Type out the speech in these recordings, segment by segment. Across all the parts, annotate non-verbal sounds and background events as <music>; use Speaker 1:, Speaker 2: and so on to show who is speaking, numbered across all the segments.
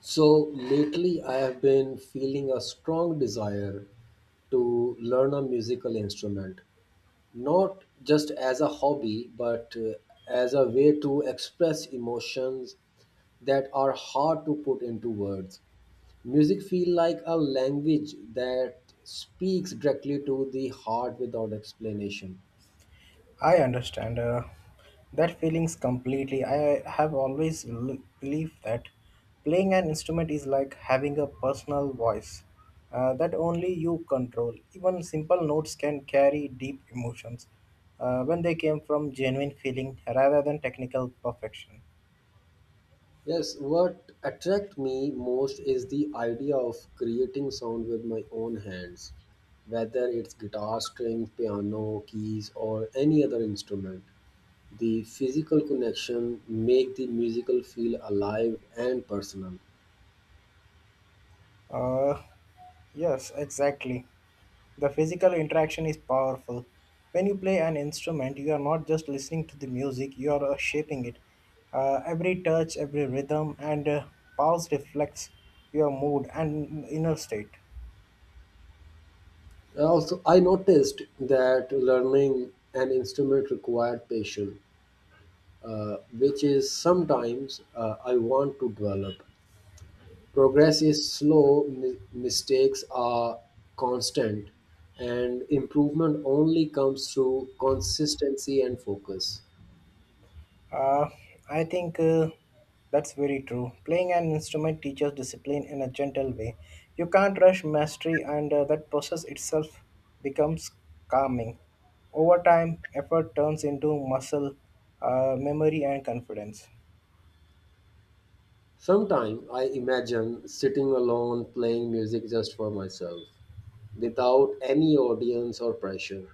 Speaker 1: So lately, I have been feeling a strong desire to learn a musical instrument, not just as a hobby, but as a way to express emotions that are hard to put into words. Music feels like a language that speaks directly to the heart without explanation.
Speaker 2: I understand that feelings completely. I have always believed that playing an instrument is like having a personal voice that only you control. Even simple notes can carry deep emotions when they came from genuine feeling rather than technical perfection.
Speaker 1: Yes, what attract me most is the idea of creating sound with my own hands, whether it's guitar strings, piano, keys, or any other instrument. The physical connection make the musical feel alive and personal.
Speaker 2: Uh, yes, exactly. The physical interaction is powerful. When you play an instrument, you are not just listening to the music, you are shaping it. Every touch, every rhythm, and pause reflects your mood and inner state.
Speaker 1: Also, I noticed that learning an instrument required patience, which is sometimes I want to develop. Progress is slow, mistakes are constant, and improvement only comes through consistency and focus.
Speaker 2: Uh, I think that's very true. Playing an instrument teaches discipline in a gentle way. You can't rush mastery, and that process itself becomes calming. Over time, effort turns into muscle, memory, and confidence.
Speaker 1: Sometimes I imagine sitting alone playing music just for myself without any audience or pressure.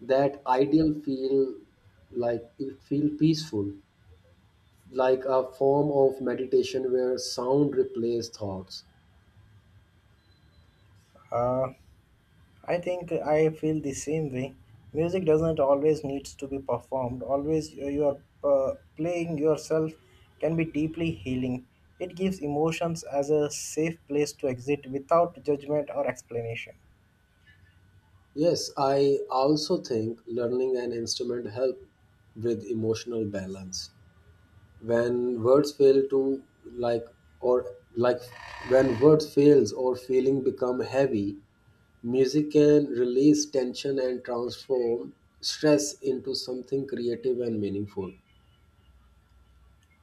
Speaker 1: That ideal feel like it feel peaceful, like a form of meditation where sound replaces thoughts.
Speaker 2: Uh, I think I feel the same way. Music doesn't always needs to be performed. Always you are playing yourself can be deeply healing. It gives emotions as a safe place to exit without judgment or explanation.
Speaker 1: Yes, I also think learning an instrument help with emotional balance. When words fail to like or like when words fails or feeling become heavy, music can release tension and transform stress into something creative and meaningful.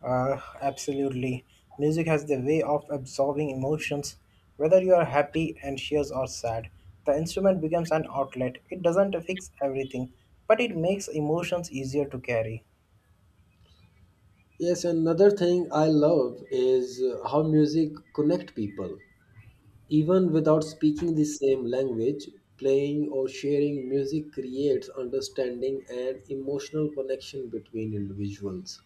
Speaker 2: Absolutely. Music has the way of absorbing emotions, whether you are happy, anxious, or sad. The instrument becomes an outlet. It doesn't fix everything, but it makes emotions easier to carry.
Speaker 1: Yes, another thing I love is how music connect people. Even without speaking the same language, playing or sharing music creates understanding and emotional connection between individuals.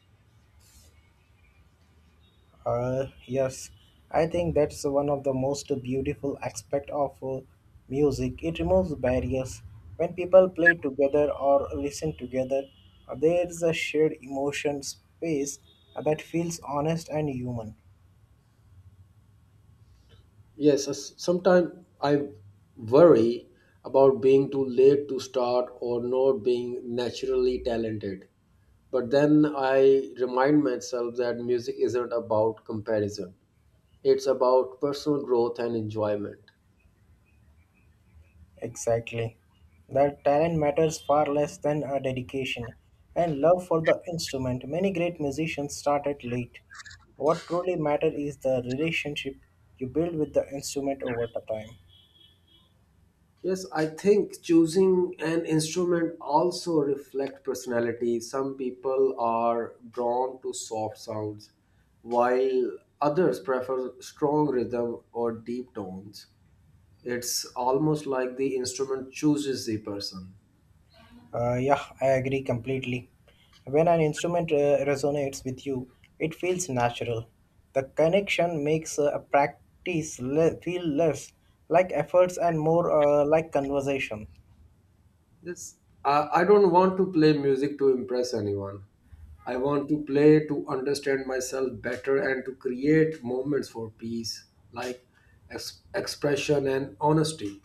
Speaker 2: Yes, I think that's one of the most beautiful aspect of music. It removes barriers. When people play together or listen together, there is a shared emotion space that feels honest and human.
Speaker 1: Yes, sometimes I worry about being too late to start or not being naturally talented. But then I remind myself that music isn't about comparison, it's about personal growth and enjoyment.
Speaker 2: Exactly. That talent matters far less than a dedication and love for the instrument. Many great musicians started late. What truly matters is the relationship you build with the instrument over the time.
Speaker 1: Yes, I think choosing an instrument also reflect personality. Some people are drawn to soft sounds, while others prefer strong rhythm or deep tones. It's almost like the instrument chooses the person.
Speaker 2: Yeah, I agree completely. When an instrument resonates with you, it feels natural. The connection makes a practice feel less like efforts and more like conversation.
Speaker 1: This I don't want to play music to impress anyone. I want to play to understand myself better and to create moments for peace, like expression and honesty.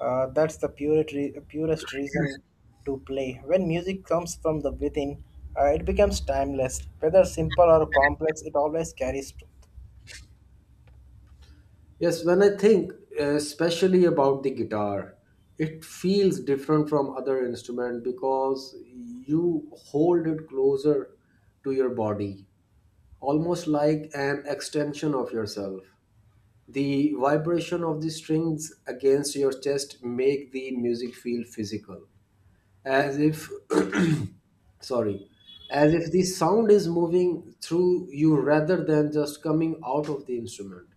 Speaker 2: That's the purest reason to play. When music comes from the within, it becomes timeless. Whether simple or complex, it always carries.
Speaker 1: Yes, when I think especially about the guitar, it feels different from other instrument because you hold it closer to your body, almost like an extension of yourself. The vibration of the strings against your chest make the music feel physical, as if <clears throat> sorry, as if the sound is moving through you rather than just coming out of the instrument.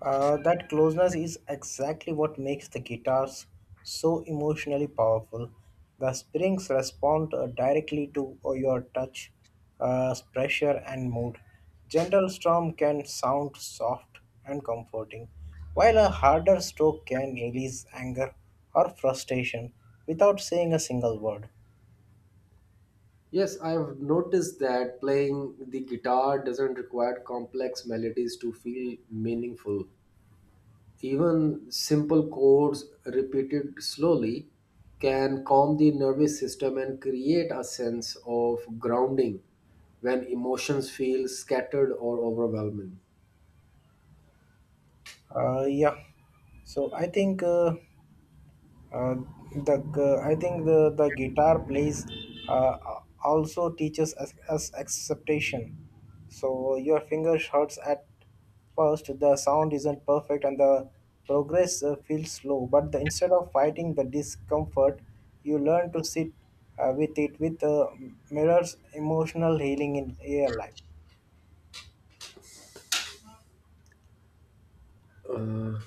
Speaker 2: That closeness is exactly what makes the guitars so emotionally powerful. The strings respond directly to your touch, pressure, and mood. Gentle strum can sound soft and comforting, while a harder stroke can release anger or frustration without saying a single word.
Speaker 1: Yes, I've noticed that playing the guitar doesn't require complex melodies to feel meaningful. Even simple chords repeated slowly can calm the nervous system and create a sense of grounding when emotions feel scattered or overwhelming.
Speaker 2: Yeah, so I think. Uh, I think the guitar plays uh, also teaches us acceptation. So your fingers hurts at first. The sound isn't perfect, and the progress feels slow. But the, instead of fighting the discomfort, you learn to sit with it. With mirrors emotional healing in your life.
Speaker 1: Uh,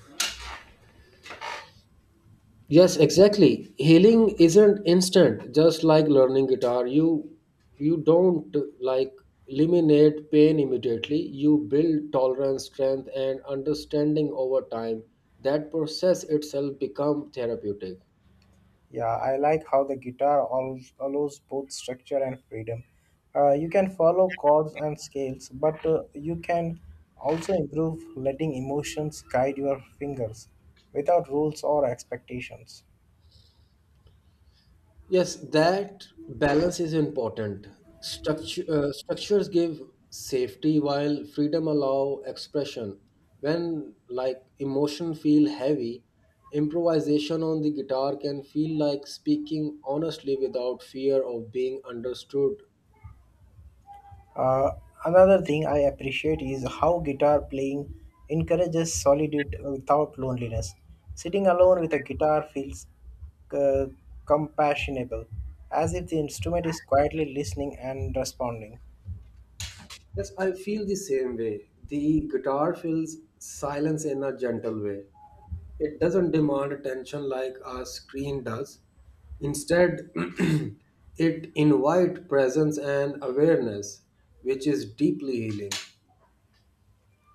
Speaker 1: Yes, exactly. Healing isn't instant, just like learning guitar. You don't like eliminate pain immediately. You build tolerance, strength and understanding over time. That process itself become therapeutic.
Speaker 2: Yeah, I like how the guitar allows both structure and freedom. You can follow chords and scales, but you can also improve letting emotions guide your fingers without rules or expectations.
Speaker 1: Yes, that balance is important. Structures give safety while freedom allow expression. When like emotion feel heavy, improvisation on the guitar can feel like speaking honestly without fear of being understood.
Speaker 2: Uh, Another thing I appreciate is how guitar playing encourages solitude without loneliness. Sitting alone with a guitar feels uh, compassionable, as if the instrument is quietly listening and responding.
Speaker 1: Yes, I feel the same way. The guitar fills silence in a gentle way. It doesn't demand attention like a screen does. Instead, <clears throat> it invites presence and awareness, which is deeply healing.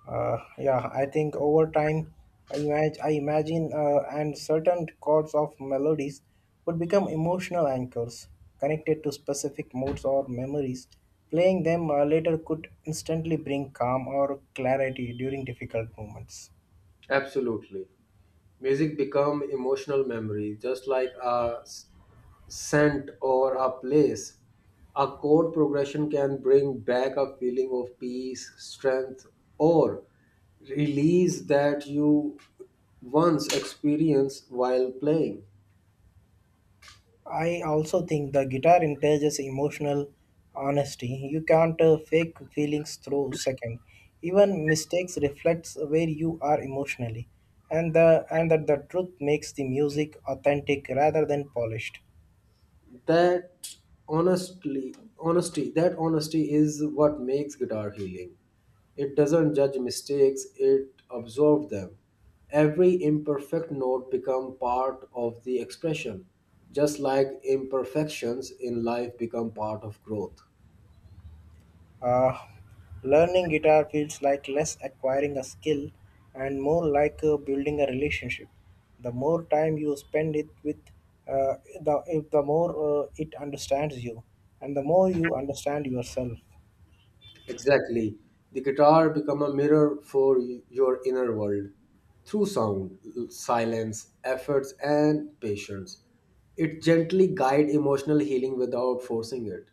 Speaker 2: Yeah, I think over time, I imagine and certain chords of melodies would become emotional anchors connected to specific moods or memories. Playing them later could instantly bring calm or clarity during difficult moments.
Speaker 1: Absolutely. Music become emotional memory, just like a scent or a place. A chord progression can bring back a feeling of peace, strength, or release that you once experienced while playing.
Speaker 2: I also think the guitar encourages emotional honesty. You can't fake feelings through second. Even mistakes reflects where you are emotionally, and that the truth makes the music authentic rather than polished.
Speaker 1: that that honesty is what makes guitar healing. It doesn't judge mistakes, it absorbs them. Every imperfect note become part of the expression, just like imperfections in life become part of growth.
Speaker 2: Uh, Learning guitar feels like less acquiring a skill and more like building a relationship. The more time you spend it with, uh, the more it understands you, and the more you understand yourself.
Speaker 1: Exactly. The guitar become a mirror for your inner world through sound, silence, efforts and patience. It gently guide emotional healing without forcing it.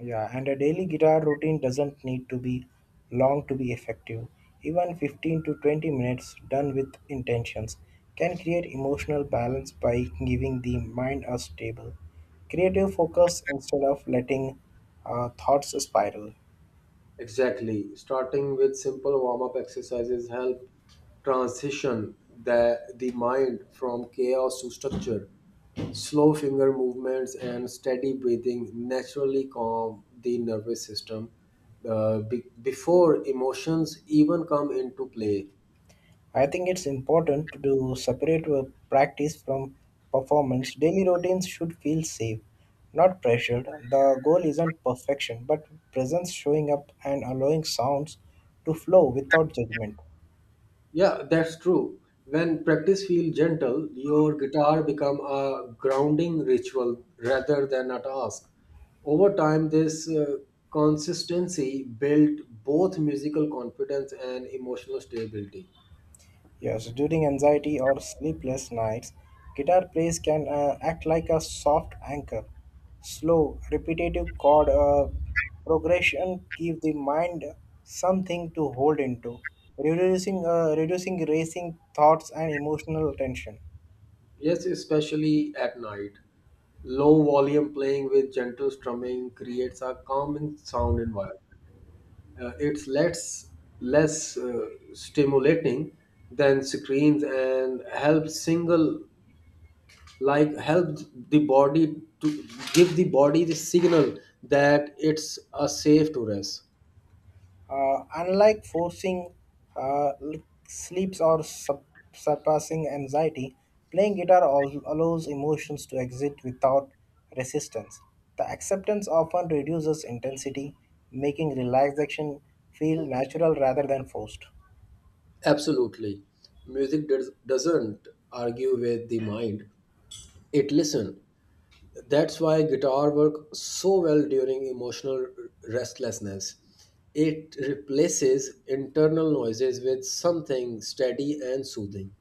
Speaker 2: Yeah, and a daily guitar routine doesn't need to be long to be effective. Even 15 to 20 minutes done with intentions can create emotional balance by giving the mind a stable, creative focus instead of letting thoughts spiral.
Speaker 1: Exactly. Starting with simple warm up exercises help transition the mind from chaos to structure. Slow finger movements and steady breathing naturally calm the nervous system before emotions even come into play.
Speaker 2: I think it's important to separate practice from performance. Daily routines should feel safe, not pressured. The goal isn't perfection, but presence showing up and allowing sounds to flow without judgment.
Speaker 1: Yeah, that's true. When practice feels gentle, your guitar become a grounding ritual rather than a task. Over time, this consistency built both musical confidence and emotional stability.
Speaker 2: Yes, during anxiety or sleepless nights, guitar plays can act like a soft anchor. Slow, repetitive chord progression give the mind something to hold into, reducing reducing racing thoughts and emotional tension.
Speaker 1: Yes, especially at night. Low volume playing with gentle strumming creates a calming sound environment. It's less stimulating than screens and helps single like help the body to give the body the signal that it's a safe to rest.
Speaker 2: Unlike forcing uh, l- sleeps or surpassing anxiety, playing guitar allows emotions to exit without resistance. The acceptance often reduces intensity, making relaxation feel natural rather than forced.
Speaker 1: Absolutely. Music doesn't argue with the mind, it listen. That's why guitar work so well during emotional restlessness. It replaces internal noises with something steady and soothing.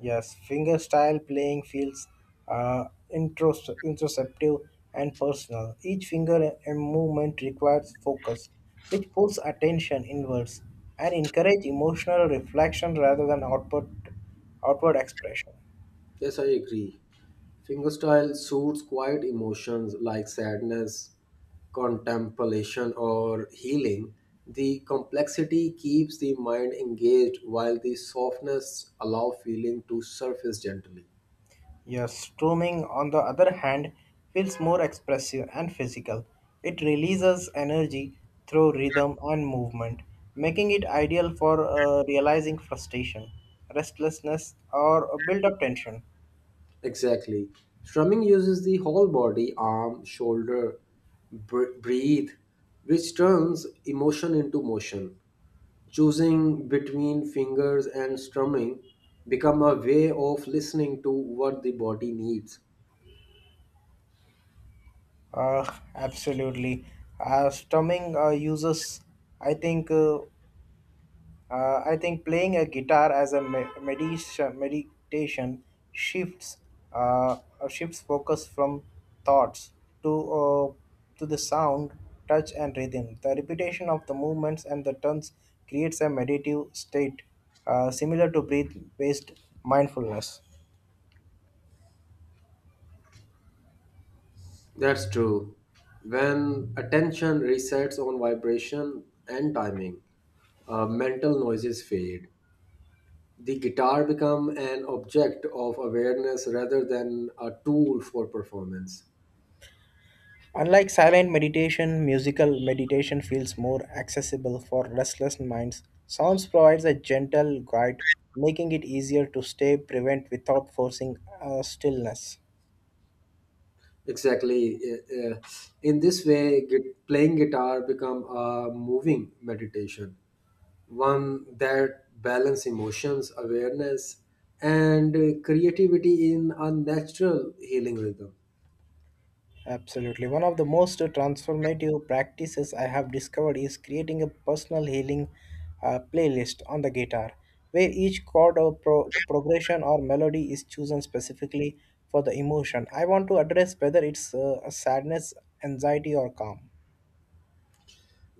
Speaker 2: Yes, fingerstyle playing feels uh, introspective and personal. Each finger and movement requires focus, which pulls attention inwards and encourage emotional reflection rather than outward expression.
Speaker 1: Yes, I agree. Fingerstyle suits quiet emotions like sadness, contemplation, or healing. The complexity keeps the mind engaged while the softness allows feeling to surface gently.
Speaker 2: Yes, strumming, on the other hand, feels more expressive and physical. It releases energy through rhythm and movement, making it ideal for realizing frustration, restlessness, or build up tension.
Speaker 1: Exactly. Strumming uses the whole body, arm, shoulder, breathe, which turns emotion into motion. Choosing between fingers and strumming become a way of listening to what the body needs.
Speaker 2: Uh, Absolutely. Strumming uses, I think. I think playing a guitar as a meditation shifts uh, shifts focus from thoughts to uh, to the sound, touch, and rhythm. The repetition of the movements and the turns creates a meditative state similar to breath-based mindfulness.
Speaker 1: That's true. When attention resets on vibration and timing, mental noises fade. The guitar become an object of awareness rather than a tool for performance.
Speaker 2: Unlike silent meditation, musical meditation feels more accessible for restless minds. Sounds provides a gentle guide, making it easier to stay prevent without forcing stillness.
Speaker 1: Exactly. In this way, playing guitar become a moving meditation, one that balance emotions, awareness, and creativity in a natural healing rhythm.
Speaker 2: Absolutely. One of the most transformative practices I have discovered is creating a personal healing playlist on the guitar, where each chord or progression or melody is chosen specifically for the emotion I want to address, whether it's a sadness, anxiety, or calm.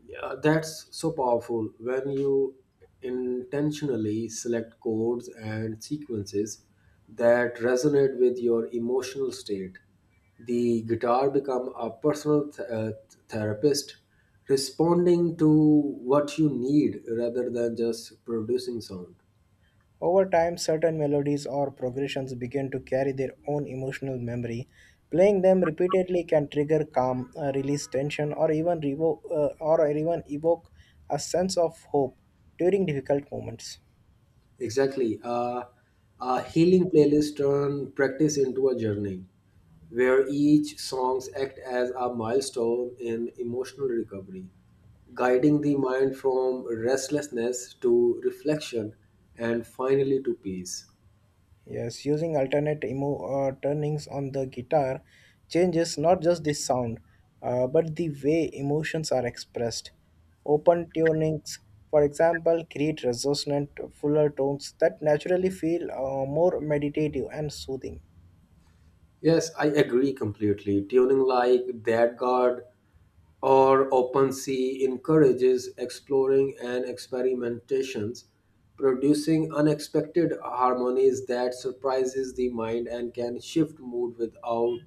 Speaker 1: Yeah, that's so powerful when you intentionally select codes and sequences that resonate with your emotional state. The guitar become a personal therapist responding to what you need rather than just producing sound.
Speaker 2: Over time, certain melodies or progressions begin to carry their own emotional memory. Playing them repeatedly can trigger calm, release tension, or even evoke a sense of hope during difficult moments.
Speaker 1: Exactly. A healing playlist turn practice into a journey where each songs act as a milestone in emotional recovery, guiding the mind from restlessness to reflection and finally to peace.
Speaker 2: Yes, using alternate turnings on the guitar changes not just the sound, but the way emotions are expressed. Open tunings, for example, create resonant, fuller tones that naturally feel more meditative and soothing.
Speaker 1: Yes, I agree completely. Tuning like that guard or OpenSea encourages exploring and experimentations, producing unexpected harmonies that surprises the mind and can shift mood without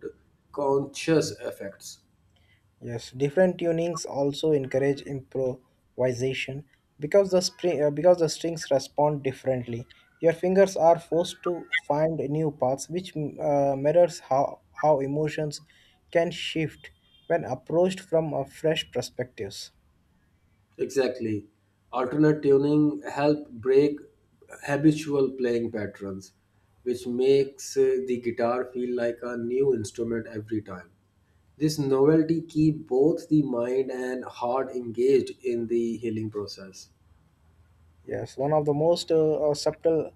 Speaker 1: conscious effects.
Speaker 2: Yes, different tunings also encourage improvisation because the strings respond differently. Your fingers are forced to find new paths, which mirrors how emotions can shift when approached from a fresh perspectives.
Speaker 1: Exactly. Alternate tuning help break habitual playing patterns, which makes the guitar feel like a new instrument every time. This novelty keep both the mind and heart engaged in the healing process.
Speaker 2: Yes, one of the most subtle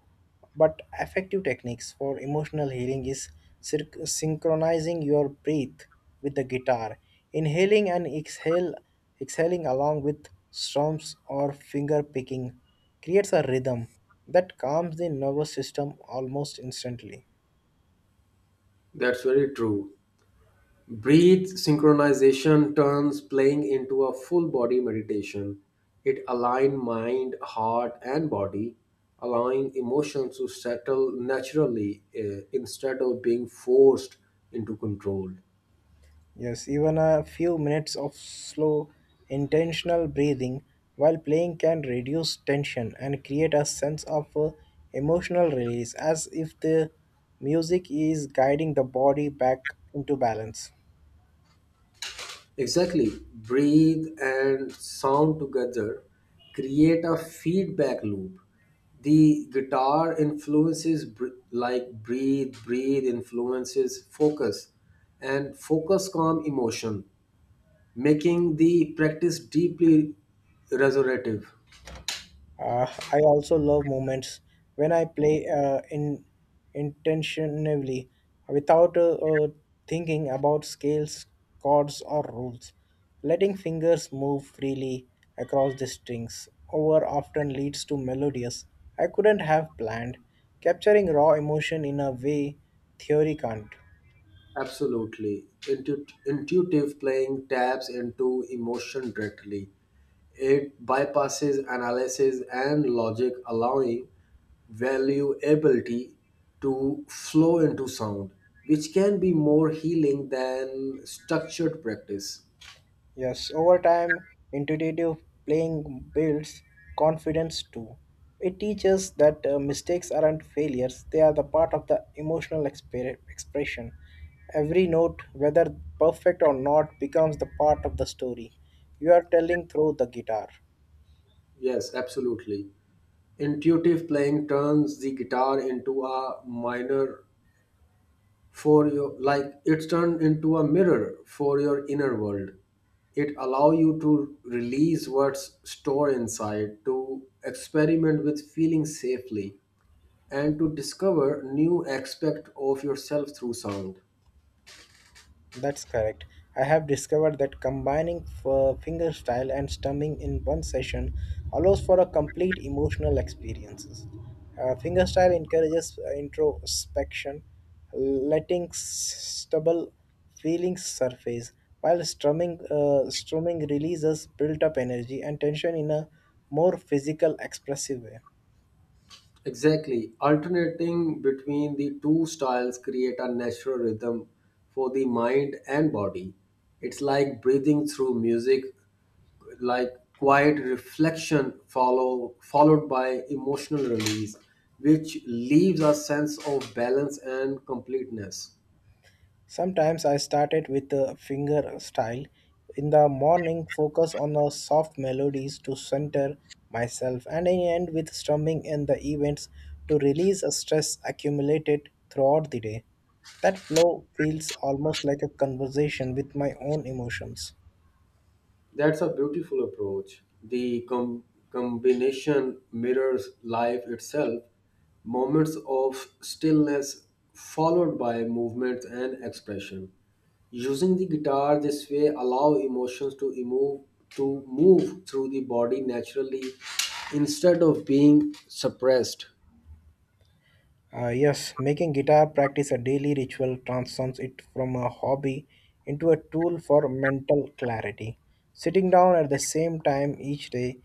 Speaker 2: but effective techniques for emotional healing is synchronizing your breath with the guitar. Inhaling and exhaling along with strums or finger picking creates a rhythm that calms the nervous system almost instantly.
Speaker 1: That's very true. Breathe synchronization turns playing into a full body meditation. It aligns mind, heart, and body, allowing emotions to settle naturally instead of being forced into control.
Speaker 2: Yes, even a few minutes of slow, intentional breathing while playing can reduce tension and create a sense of emotional release as if the music is guiding the body back into balance.
Speaker 1: Exactly. Breathe and sound together create a feedback loop. The guitar influences like breathe, influences focus, and focus calm emotion, making the practice deeply restorative.
Speaker 2: I also love moments when I play in intentionally without thinking about scales, chords, or rules. Letting fingers move freely across the strings over often leads to melodies I couldn't have planned, capturing raw emotion in a way theory can't.
Speaker 1: Absolutely. Intuitive playing taps into emotion directly. It bypasses analysis and logic, allowing valuability to flow into sound, which can be more healing than structured practice.
Speaker 2: Yes, over time, intuitive playing builds confidence too. It teaches that mistakes aren't failures, they are the part of the emotional expression. Every note, whether perfect or not, becomes the part of the story you are telling through the guitar.
Speaker 1: Yes, absolutely. Intuitive playing turns the guitar into a minor for your like it's turned into a mirror for your inner world. It allow you to release what's stored inside, to experiment with feelings safely and to discover new aspect of yourself through sound.
Speaker 2: That's correct. I have discovered that combining finger style and strumming in one session allows for a complete emotional experiences. Finger style encourages introspection, letting stubble feelings surface, while strumming releases built-up energy and tension in a more physical, expressive way.
Speaker 1: Exactly. Alternating between the two styles create a natural rhythm for the mind and body. It's like breathing through music, like quiet reflection followed by emotional release, which leaves a sense of balance and completeness.
Speaker 2: Sometimes I started with the finger style. In the morning, focus on the soft melodies to center myself, and I end with strumming in the events to release a stress accumulated throughout the day. That flow feels almost like a conversation with my own emotions.
Speaker 1: That's a beautiful approach. The combination mirrors life itself, moments of stillness followed by movement and expression. Using the guitar this way allow emotions to move through the body naturally instead of being suppressed.
Speaker 2: Yes, making guitar practice a daily ritual transforms it from a hobby into a tool for mental clarity. Sitting down at the same time each day,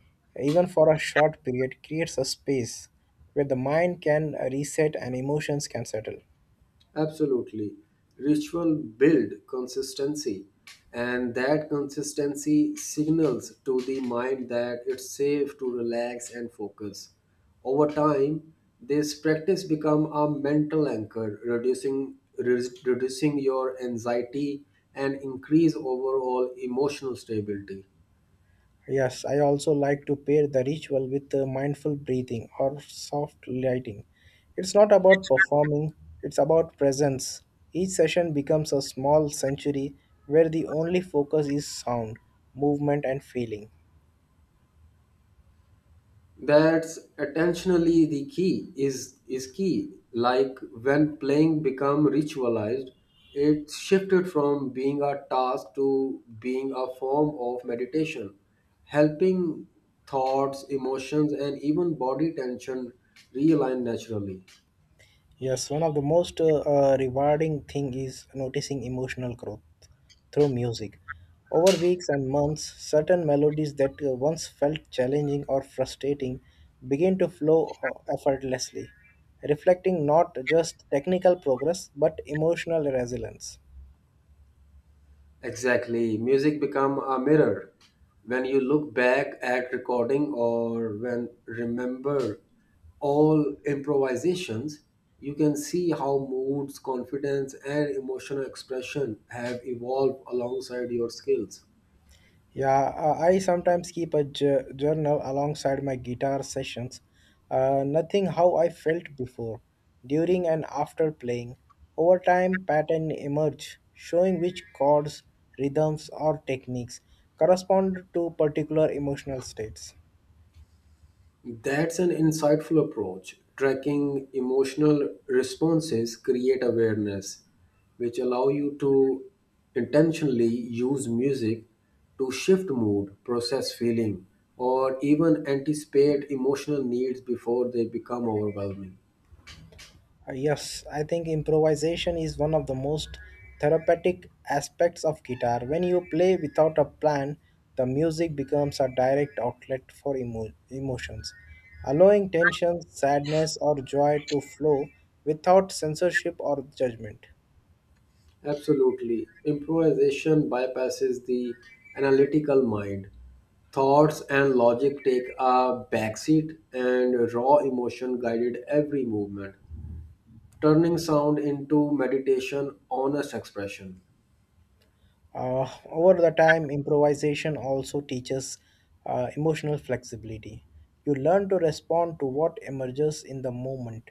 Speaker 2: even for a short period, creates a space where the mind can reset and emotions can settle.
Speaker 1: Absolutely. Ritual build consistency and that consistency signals to the mind that it's safe to relax and focus. Over time, this practice become a mental anchor, reducing your anxiety and increase overall emotional stability.
Speaker 2: Yes, I also like to pair the ritual with mindful breathing or soft lighting. It's not about performing, it's about presence. Each session becomes a small sanctuary where the only focus is sound, movement, and feeling.
Speaker 1: That's attentionally the key is key, like when playing become ritualized, it shifted from being a task to being a form of meditation, helping thoughts, emotions and even body tension realign naturally.
Speaker 2: Yes, one of the most rewarding thing is noticing emotional growth through music. Over weeks and months, certain melodies that once felt challenging or frustrating begin to flow effortlessly, reflecting not just technical progress but emotional resilience.
Speaker 1: Exactly. Music become a mirror. When you look back at recording or when remember all improvisations, you can see how moods, confidence and emotional expression have evolved alongside your skills.
Speaker 2: Yeah, I sometimes keep a journal alongside my guitar sessions. Nothing how I felt before, during and after playing. Over time, pattern emerge, showing which chords, rhythms, or techniques correspond to particular emotional states.
Speaker 1: That's an insightful approach. Tracking emotional responses create awareness, which allow you to intentionally use music to shift mood, process feeling, or even anticipate emotional needs before they become overwhelming.
Speaker 2: Yes, I think improvisation is one of the most therapeutic aspects of guitar. When you play without a plan, the music becomes a direct outlet for emotions, allowing tension, sadness, or joy to flow without censorship or judgment.
Speaker 1: Absolutely. Improvisation bypasses the analytical mind. Thoughts and logic take a backseat, and raw emotion guided every movement, turning sound into meditation, honest expression.
Speaker 2: Over the time, improvisation also teaches emotional flexibility. You learn to respond to what emerges in the moment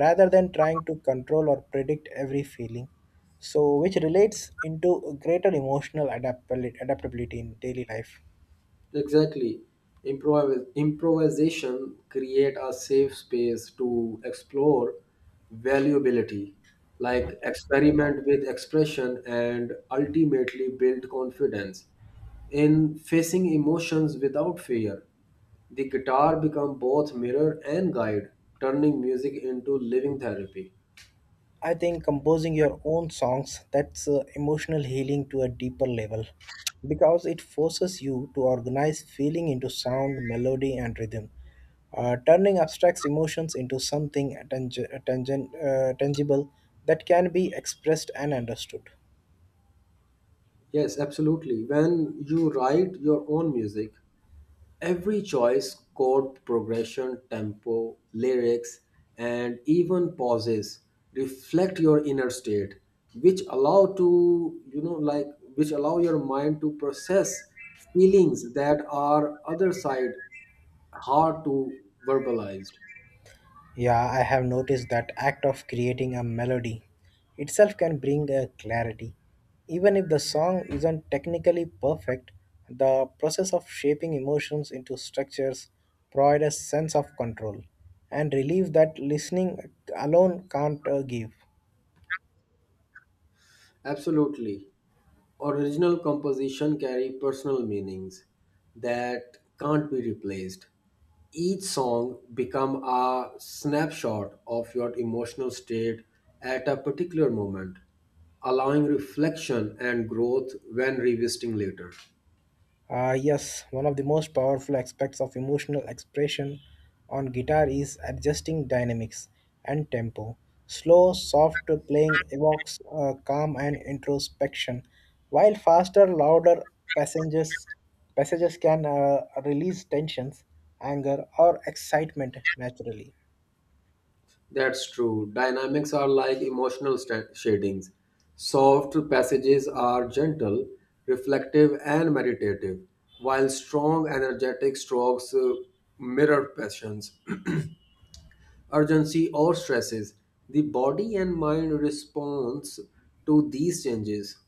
Speaker 2: rather than trying to control or predict every feeling. So, which relates into a greater emotional adaptability in daily life.
Speaker 1: Exactly. Improvisation create a safe space to explore valuability, like experiment with expression and ultimately build confidence in facing emotions without fear. The guitar become both mirror and guide, turning music into living therapy.
Speaker 2: I think composing your own songs that's emotional healing to a deeper level because it forces you to organize feeling into sound, melody and rhythm, turning abstract emotions into something tangible that can be expressed and understood.
Speaker 1: Yes, absolutely. When you write your own music, every choice, chord progression, tempo, lyrics, and even pauses reflect your inner state, which allow to, like which allow your mind to process feelings that are other side hard to verbalize.
Speaker 2: Yeah, I have noticed that act of creating a melody itself can bring a clarity. Even if the song isn't technically perfect, the process of shaping emotions into structures provides a sense of control and relief that listening alone can't give.
Speaker 1: Absolutely. Original composition carry personal meanings that can't be replaced. Each song become a snapshot of your emotional state at a particular moment, allowing reflection and growth when revisiting later.
Speaker 2: Yes, one of the most powerful aspects of emotional expression on guitar is adjusting dynamics and tempo. Slow, soft playing evokes calm and introspection, while faster, louder passages passages can release tensions, anger, or excitement naturally.
Speaker 1: That's true. Dynamics are like emotional shadings. Soft passages are gentle, reflective, and meditative, while strong, energetic strokes mirror passions, urgency or stresses. The body and mind responds to these changes.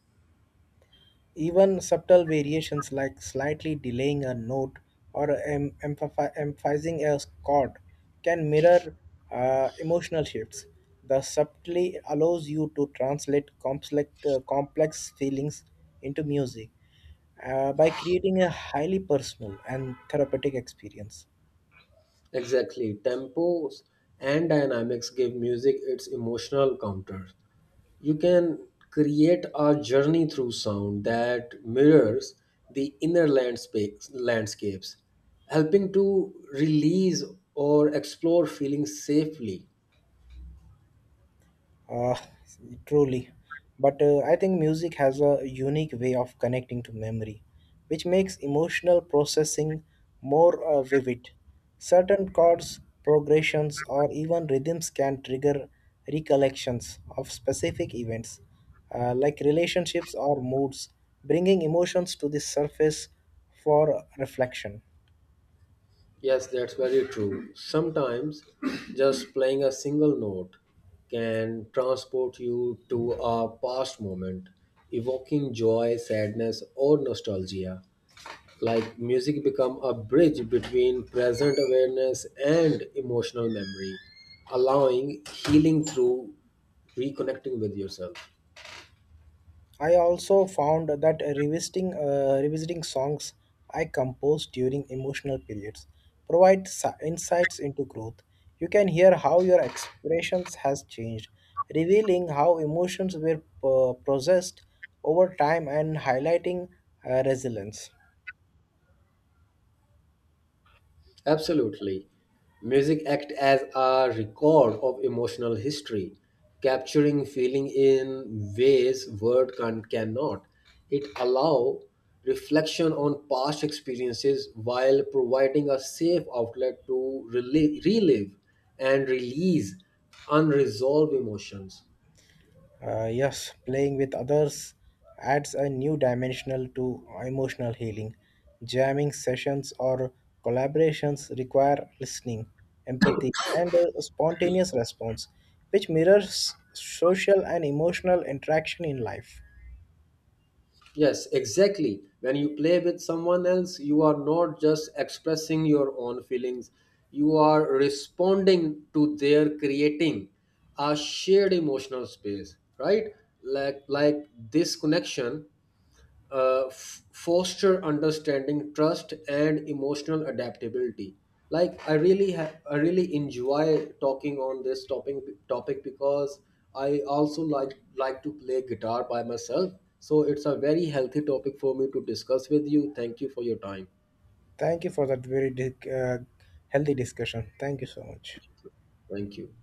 Speaker 2: Even subtle variations like slightly delaying a note or emphasizing a chord can mirror emotional shifts. The subtly allows you to translate complex feelings into music by creating a highly personal and therapeutic experience.
Speaker 1: Exactly. Tempos and dynamics give music its emotional counter. You can create a journey through sound that mirrors the inner landscapes, helping to release or explore feelings safely.
Speaker 2: Uh, Truly. But I think music has a unique way of connecting to memory, which makes emotional processing more vivid. Certain chords, progressions, or even rhythms can trigger recollections of specific events, like relationships or moods, bringing emotions to the surface for reflection.
Speaker 1: Yes, that's very true. Sometimes just playing a single note can transport you to a past moment, evoking joy, sadness, or nostalgia. Like music become a bridge between present awareness and emotional memory, allowing healing through reconnecting with yourself.
Speaker 2: I also found that revisiting songs I composed during emotional periods provide insights into growth. You can hear how your expressions has changed, revealing how emotions were processed over time and highlighting resilience.
Speaker 1: Absolutely. Music act as a record of emotional history, capturing feeling in ways word cannot. It allow reflection on past experiences while providing a safe outlet to relive and release unresolved emotions.
Speaker 2: Yes, playing with others adds a new dimensional to emotional healing. Jamming sessions or collaborations require listening, empathy, and a spontaneous response, which mirrors social and emotional interaction in life.
Speaker 1: Yes, exactly. When you play with someone else, you are not just expressing your own feelings, you are responding to their creating a shared emotional space, right? Like this connection foster understanding, trust and emotional adaptability. Like I really enjoy talking on this topic because I also like to play guitar by myself, so it's a very healthy topic for me to discuss with you. Thank you for your time.
Speaker 2: Thank you for that very healthy discussion. Thank you so much.
Speaker 1: Thank you.